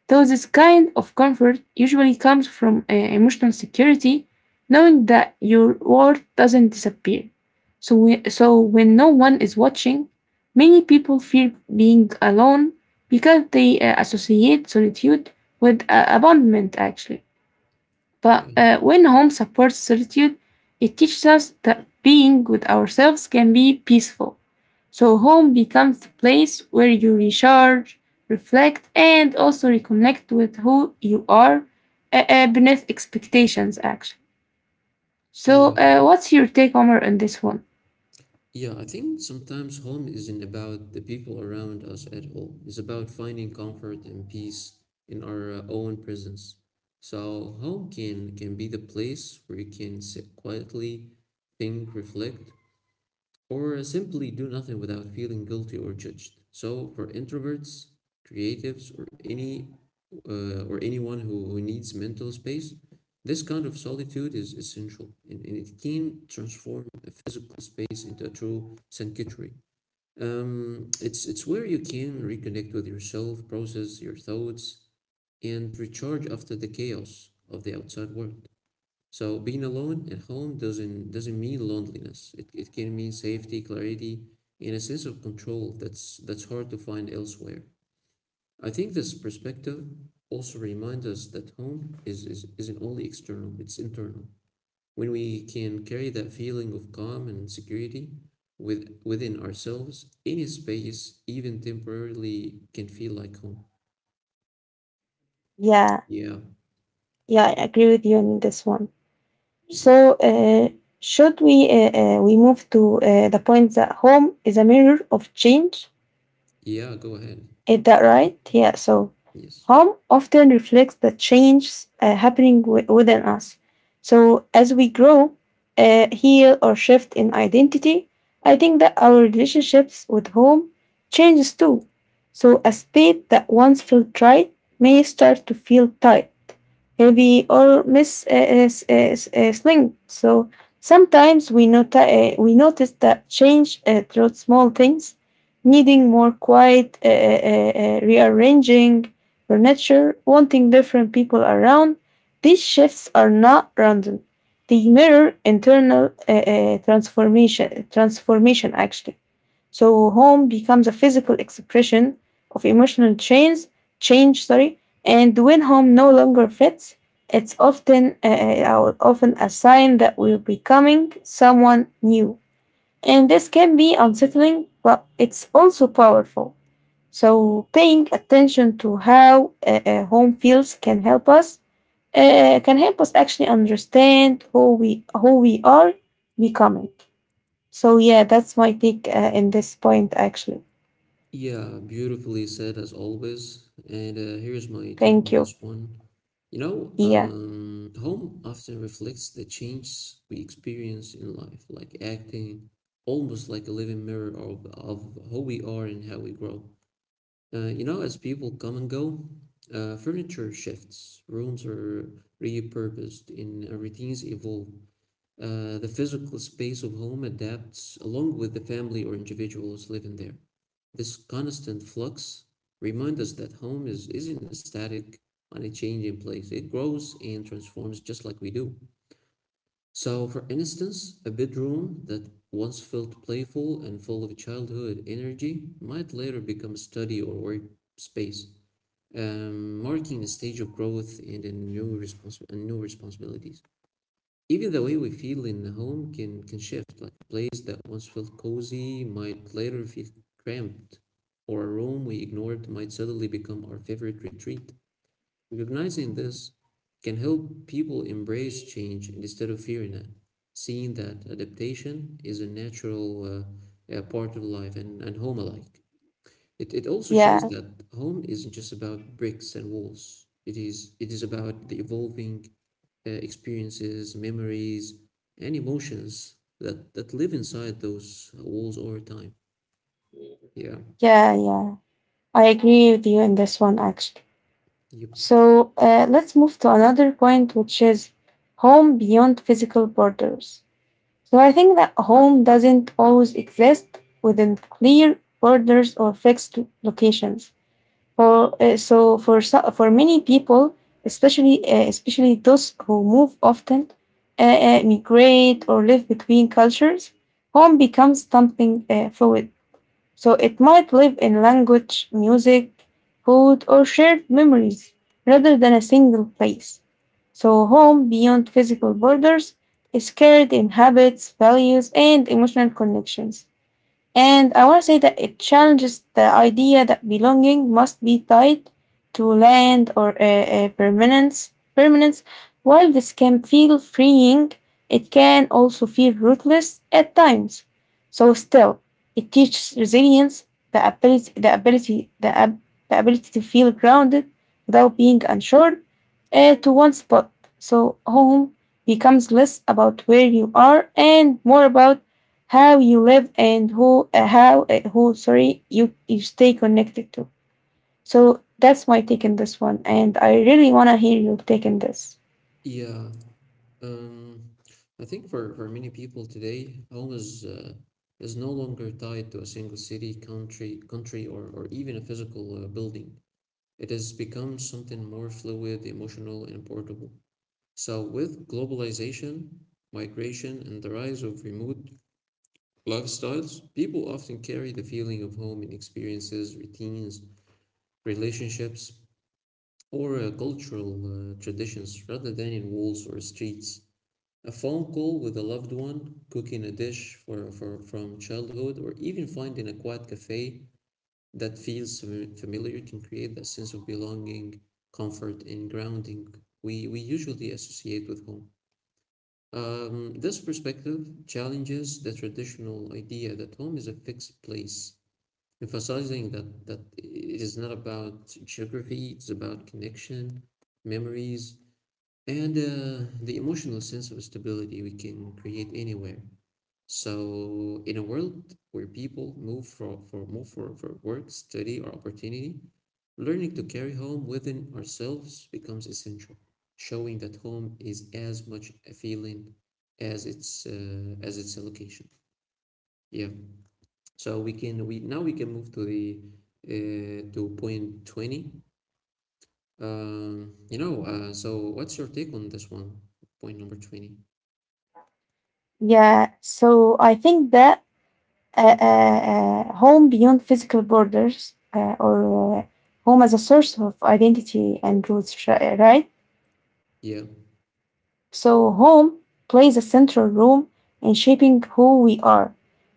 Speaker 2: Though this kind of comfort usually comes from emotional security, knowing that your worth doesn't disappear. So when no one is watching, many people fear being alone because they associate solitude with abandonment, actually.
Speaker 1: yeah,
Speaker 2: But when home supports solitude, it teaches us that being with ourselves can be peaceful. So home becomes the place where you recharge, reflect, and also reconnect with who you are beneath expectations, actually. So,
Speaker 1: yeah.
Speaker 2: what's your take, Omar, on this one?
Speaker 1: Yeah, I think sometimes home isn't about the people around us at all. It's about finding comfort and peace in our own presence. So home can be the place where you can sit quietly, think, reflect, or simply do nothing without feeling guilty or judged. So for introverts, creatives, or any or anyone who needs mental space, this kind of solitude is essential, and it can transform a physical space into a true sanctuary. It's where you can reconnect with yourself, process your thoughts, and recharge after the chaos of the outside world. So being alone at home doesn't mean loneliness. It can mean safety, clarity, and a sense of control that's hard to find elsewhere. I think this perspective also reminds us that home is isn't only external, it's internal. When we can carry that feeling of calm and security within ourselves, any space, even temporarily, can feel like home.
Speaker 2: Yeah,
Speaker 1: Yeah,
Speaker 2: yeah, I agree with you on this one.
Speaker 1: yes.
Speaker 2: So should we move to the point that home is a mirror of change?
Speaker 1: Yeah, go ahead.
Speaker 2: Is that right? Yeah. So
Speaker 1: Yes.
Speaker 2: home often reflects the changes happening within us. So as we grow, heal, or shift in identity, I think that our relationships with home changes too. So a space that once felt right may start to feel tight, heavy, or miss sling. So sometimes we, we notice that change through small things, needing more quiet, rearranging furniture, wanting different people around. These shifts are not random. They mirror internal transformation, actually. So home becomes a physical expression of emotional change, sorry. And when home no longer fits, it's often a sign that we're becoming someone new. And this can be unsettling, but it's also powerful. So, paying attention to how home feels can help us, can help us actually understand who we are becoming. So, yeah, that's my take in this point. Actually,
Speaker 1: Yeah, beautifully said as always. And here's my take
Speaker 2: thank
Speaker 1: on
Speaker 2: you.
Speaker 1: this one.
Speaker 2: Yeah,
Speaker 1: Home often reflects the changes we experience in life, like acting almost like a living mirror of who we are and how we grow. As people come and go, furniture shifts, rooms are repurposed, and routines evolve. The physical space of home adapts along with the family or individuals living there. This constant flux reminds us that isn't a static on a changing place. It grows and transforms just like we do. So, for instance, a bedroom that once felt playful and full of childhood energy might later become a study or workspace, marking a stage of growth and a and new responsibilities. Even the way we feel in the home can shift, like a place that once felt cozy might later feel cramped, or a room we ignored might suddenly become our favorite retreat. Recognizing this can help people embrace change instead of fearing it, seeing that adaptation is a natural part of life and home alike. It also shows
Speaker 2: yeah,
Speaker 1: that home isn't just about bricks and walls. It is about the evolving experiences, memories, and emotions that live inside those walls over time. Yeah.
Speaker 2: yeah, yeah. I agree with you in this one. Actually,
Speaker 1: Yep.
Speaker 2: so let's move to another point, which is home beyond physical borders. So I think that home doesn't always exist within clear borders or fixed locations. For, so for so- for many people, especially those who move often, uh, migrate or live between cultures, home becomes something fluid. So it might live in language, music, food, or shared memories rather than a single place. So home beyond physical borders is carried in habits, values, and emotional connections. And I want to say that it challenges the idea that belonging must be tied to land or permanence, while this can feel freeing, it can also feel ruthless at times. So still, it teaches resilience, the ability, the ability, the, ab- the ability to feel grounded without being unsure to one spot. So home becomes less about where you are and more about how you live and who how who sorry you you stay connected to. So that's my take on this one, and I really want to hear your take on this.
Speaker 1: Yeah. Um, I think for many people today, home is no longer tied to a single city, country, or even a physical building. It has become something more fluid, emotional, and portable. So with globalization, migration, and the rise of remote lifestyles. People often carry the feeling of home in experiences, routines, relationships, or cultural traditions rather than in walls or streets. A phone call with a loved one, cooking a dish from childhood, or even finding a quiet cafe that feels familiar can create that sense of belonging, comfort, and grounding we usually associate with home. This perspective challenges the traditional idea that home is a fixed place emphasizing that it is not about geography, it's about connection, memories, and the emotional sense of stability we can create anywhere. So in a world where people move for work, study, or opportunity, learning to carry home within ourselves becomes essential, showing that home is as much a feeling as its a location. Yeah. So we can we Now we can move to the to point 20. So what's your take on this one? Point number 20.
Speaker 2: Yeah, so I think that home beyond physical borders or home as a source of identity and roots, right?
Speaker 1: Yeah.
Speaker 2: So, home plays a central role in shaping who we are,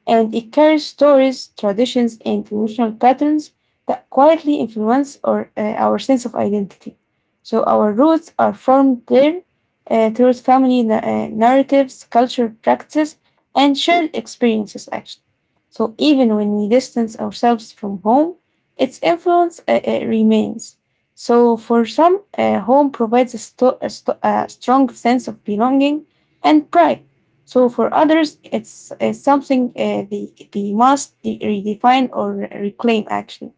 Speaker 2: and it carries stories, traditions, and emotional patterns that quietly influence our sense of identity. So, our roots are formed there through family narratives, cultural practices, and shared experiences, actually. So, even when we distance ourselves from home, its influence remains. So, for some, home provides a strong sense of belonging and pride. So, for others, it's, something they, they must redefine or reclaim, actually.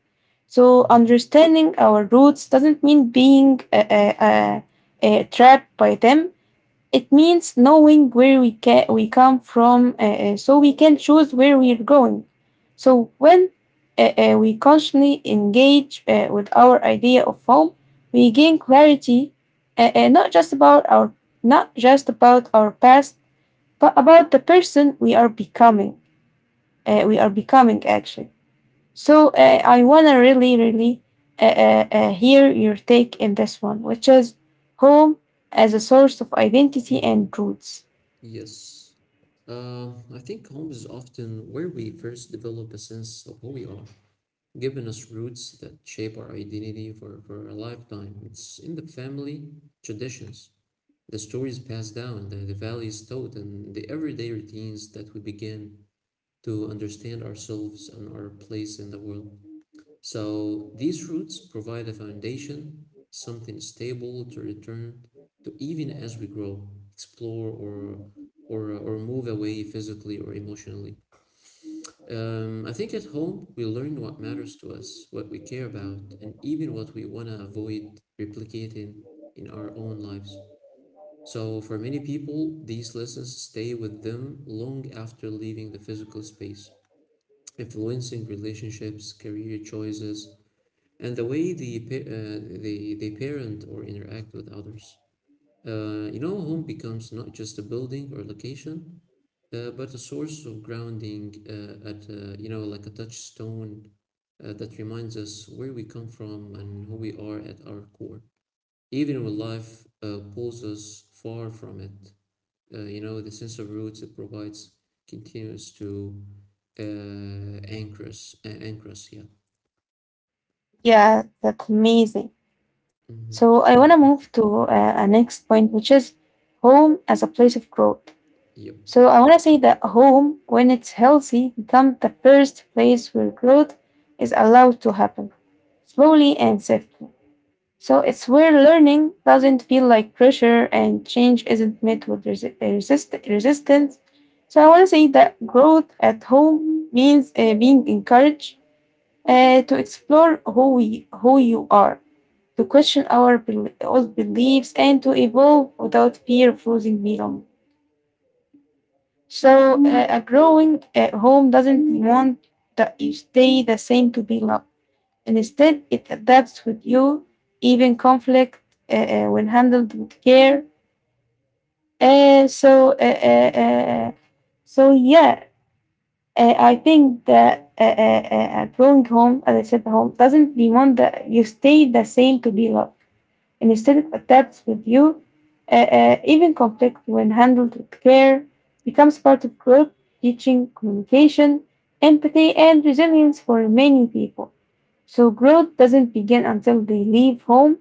Speaker 2: So,
Speaker 1: Mm-hmm.
Speaker 2: understanding our roots doesn't mean being trapped by them, it means knowing where we come from, so we can choose where we're going. So when we consciously engage with our idea of home, we gain clarity, uh, uh, not just about our not just about our past, but about the person we are becoming. We are becoming actually. So I wanna really, really hear your take in this one, which is home as a source of identity and
Speaker 1: Mm-hmm.
Speaker 2: roots.
Speaker 1: Yes. I think home is often where we first develop a sense of who we are, giving us roots that shape our identity for a lifetime. It's in the family traditions, the stories passed down, the values taught, and the everyday routines that we begin to understand ourselves and our place in the world. So these roots provide a foundation, something stable to return to even as we grow, explore, or move away physically or emotionally. I think at home we learn what matters to us, what we care about, and even what we want to avoid replicating in our own lives. So, for many people, these lessons stay with them long after leaving the physical space influencing relationships, career choices, and the way they parent or interact with others. Home becomes not just a building or location, but a source of grounding at you know like a touchstone that reminds us where we come from and who we are at our core. Even when life pulls us far from it, the sense of roots it provides continues to anchor us, yeah.
Speaker 2: Yeah, that's amazing.
Speaker 1: Mm-hmm.
Speaker 2: So I want to
Speaker 1: Okay.
Speaker 2: move to a next point, which is home as a place of growth.
Speaker 1: Yep.
Speaker 2: So I want to say that home, when it's healthy, becomes the first place where growth is allowed to happen slowly and safely. So it's where learning doesn't feel like pressure and change isn't met with resistance. So I want to say that growth at home means being encouraged to explore who you are, to question our old beliefs, and to evolve without fear of losing belong. So a growing at home doesn't want that you stay the same to be loved, and instead it adapts with you. Even conflict when handled with care, uh, so uh, uh, uh, so yeah I think that a growing home, as I said, home doesn't demand that you stay the same to be loved, and instead it adapts with you. Even conflict, when handled with care, becomes part of growth, teaching communication, empathy, and resilience. For many people, so growth doesn't begin until they leave home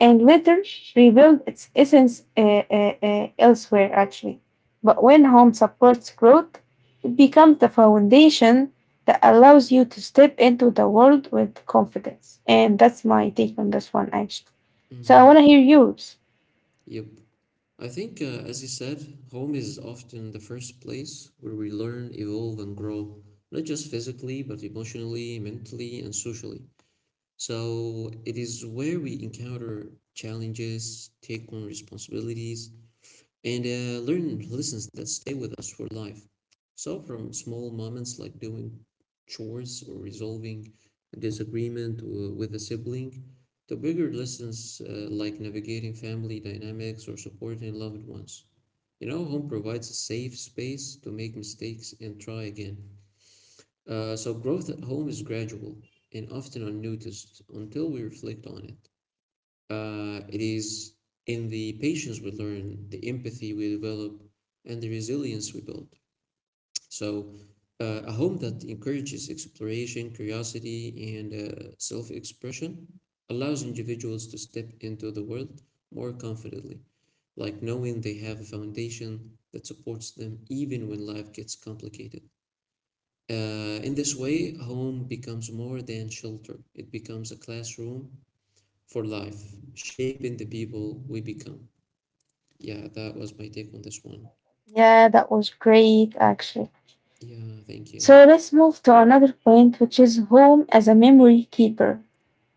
Speaker 2: and later rebuild its essence elsewhere, actually. But when home supports growth, it becomes the foundation that allows you to step into the world with confidence. And that's my take on this one, actually. So I
Speaker 1: Mm-hmm.
Speaker 2: want to hear yours.
Speaker 1: Yep. I think, as you said, home is often the first place where we learn, evolve, and grow, not just physically, but emotionally, mentally, and socially. So it is where we encounter challenges, take on responsibilities, and learn lessons that stay with us for life. So, from small moments like doing chores or resolving a disagreement with a sibling, to bigger lessons like navigating family dynamics or supporting loved ones. You know, home provides a safe space to make mistakes and try again. So, growth at home is gradual and often unnoticed until we reflect on it. It is in the patience we learn, the empathy we develop, and the resilience we build. So, a home that encourages exploration, curiosity, and self expression allows individuals to step into the world more confidently, like knowing they have a foundation that supports them even when life gets complicated. In this way, home becomes more than shelter, it becomes a classroom for life, shaping the people we become. Yeah, that was my take on this one.
Speaker 2: Yeah, that was great, actually.
Speaker 1: Yeah, thank you.
Speaker 2: So let's move to another point, which is home as a memory keeper.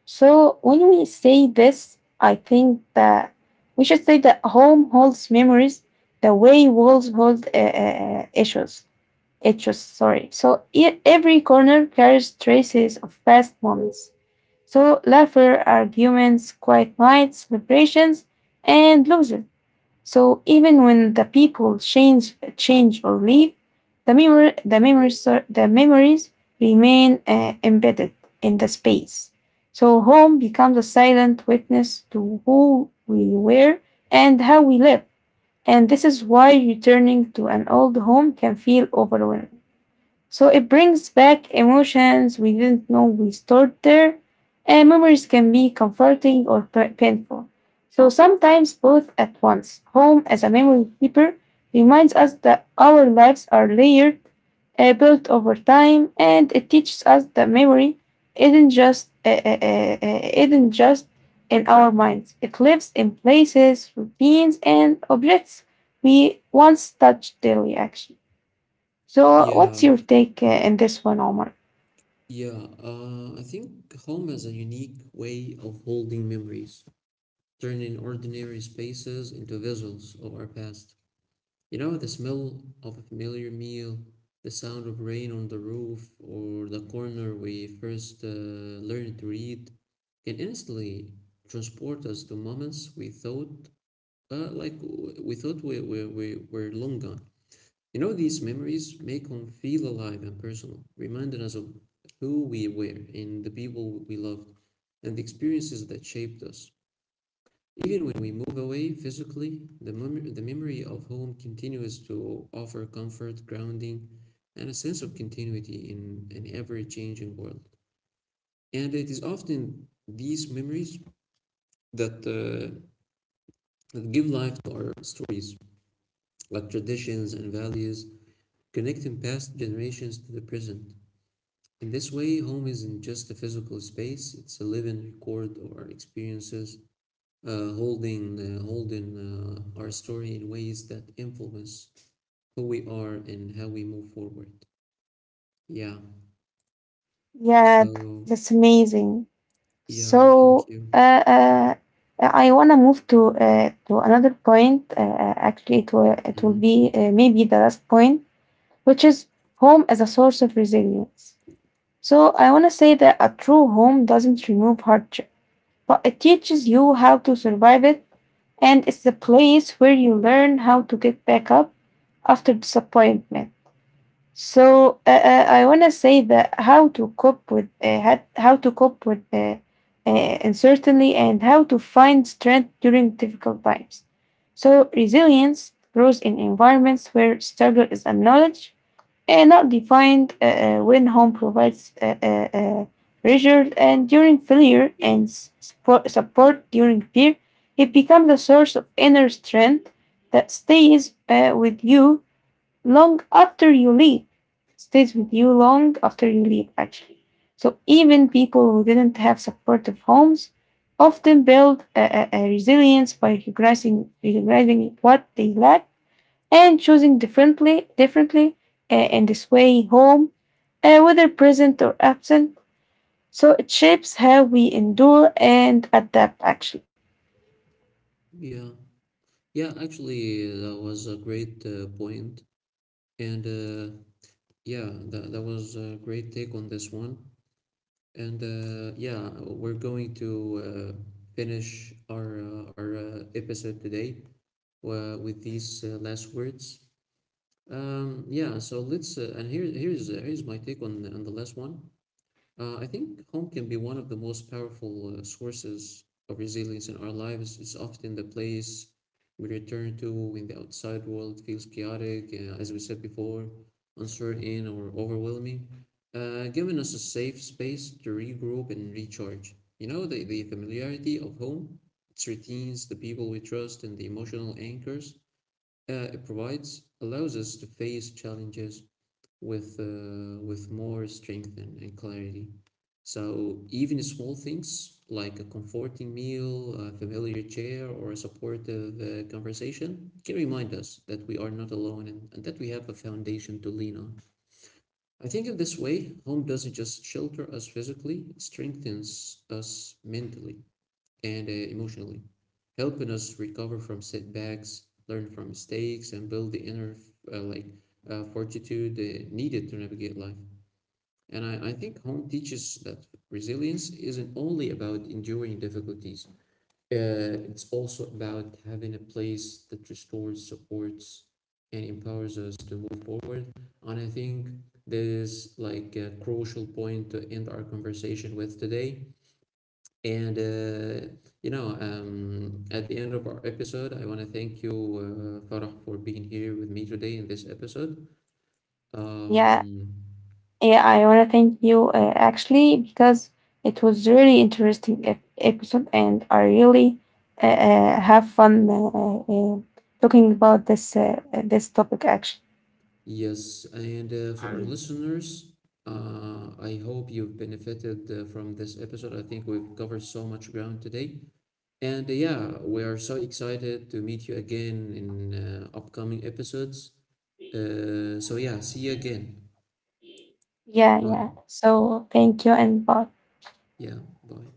Speaker 2: So when we say this, I think that we should say that home holds memories the way walls hold issues, sorry. So every corner carries traces of past moments. So laughter, arguments, quiet nights, celebrations, and losses. So even when the people change or leave, the memories remain embedded in the space. So home becomes a silent witness to who we were and how we live. And this is why returning to an old home can feel overwhelming. So it brings back emotions we didn't know we stored there, and memories can be comforting or painful. So sometimes both at once. Home as a memory keeper reminds us that our lives are layered, built over time, and it teaches us that memory isn't just in our minds. It lives in places, routines, and objects we once touched daily. Actually. So,
Speaker 1: Yeah,
Speaker 2: what's your take in this one, Omar?
Speaker 1: yeah. I think home has a unique way of holding memories, turning ordinary spaces into visuals of our past. You know, the smell of a familiar meal, the sound of rain on the roof, or the corner we first learned to read can instantly transport us to moments we thought, we were long gone. You know, these memories make home feel alive and personal, reminding us of who we were and the people we loved and the experiences that shaped us. Even when we move away physically, the memory of home continues to offer comfort, grounding, and a sense of continuity in an ever changing world. And it is often these memories that, uh, that give life to our stories, like traditions and values, connecting past generations to the present. In this way, home isn't just a physical space, it's a living record of our experiences, holding our story in ways that influence who we are and how we move forward. Yeah.
Speaker 2: Yeah,
Speaker 1: So,
Speaker 2: that's amazing.
Speaker 1: yeah, thank
Speaker 2: So,
Speaker 1: you.
Speaker 2: uh, I want to move to another point. Actually, it will
Speaker 1: hmm
Speaker 2: be maybe the last point, which is home as a source of resilience. So, I want to say that a true home doesn't remove hardship, but it teaches you how to survive it, and it's the place where you learn how to get back up after disappointment. So I want to say that how to cope with how to cope with uncertainty and how to find strength during difficult times. So resilience grows in environments where struggle is acknowledged and not defined. When home provides reassured and during failure and support during fear, it becomes a source of inner strength that stays with you long after you leave, stays with you long after you leave, actually. So even people who didn't have supportive homes often build a resilience by recognizing what they lack and choosing differently, in this way home, whether present or absent. So it shapes how we endure and adapt, actually.
Speaker 1: Yeah. Yeah, actually, that was a great point. And yeah, that was a great take on this one. And yeah, we're going to finish our episode today with these last words. Yeah, so let's and here's my take on the last one. I think home can be one of the most powerful sources of resilience in our lives. It's often the place we return to when the outside world feels chaotic, as we said before, uncertain or overwhelming, giving us a safe space to regroup and recharge. You know, the familiarity of home, its routines, the people we trust, and the emotional anchors it provides allows us to face challenges with more strength and clarity. So even small things like a comforting meal, a familiar chair, or a supportive conversation can remind us that we are not alone and that we have a foundation to lean on. I think in this way, home doesn't just shelter us physically, it strengthens us mentally and emotionally, helping us recover from setbacks, learn from mistakes, and build the inner uh, like fortitude needed to navigate life. And I think home teaches that resilience isn't only about enduring difficulties. It's also about having a place that restores, supports, and empowers us to move forward. And I think this is like a crucial point to end our conversation with today. And at the end of our episode, I want to thank you, Farah, for being here with me today in this episode.
Speaker 2: Yeah,
Speaker 1: Um,
Speaker 2: yeah, I want to thank you actually, because it was really interesting episode and I really have fun talking about this this topic actually.
Speaker 1: yes, and for our listeners, I hope you've benefited from this episode. I think we've covered so much ground today. And yeah, we are so excited to meet you again in upcoming episodes. So yeah, see you again.
Speaker 2: Yeah, yeah.
Speaker 1: Bye.
Speaker 2: So thank you and bye.
Speaker 1: Yeah, bye.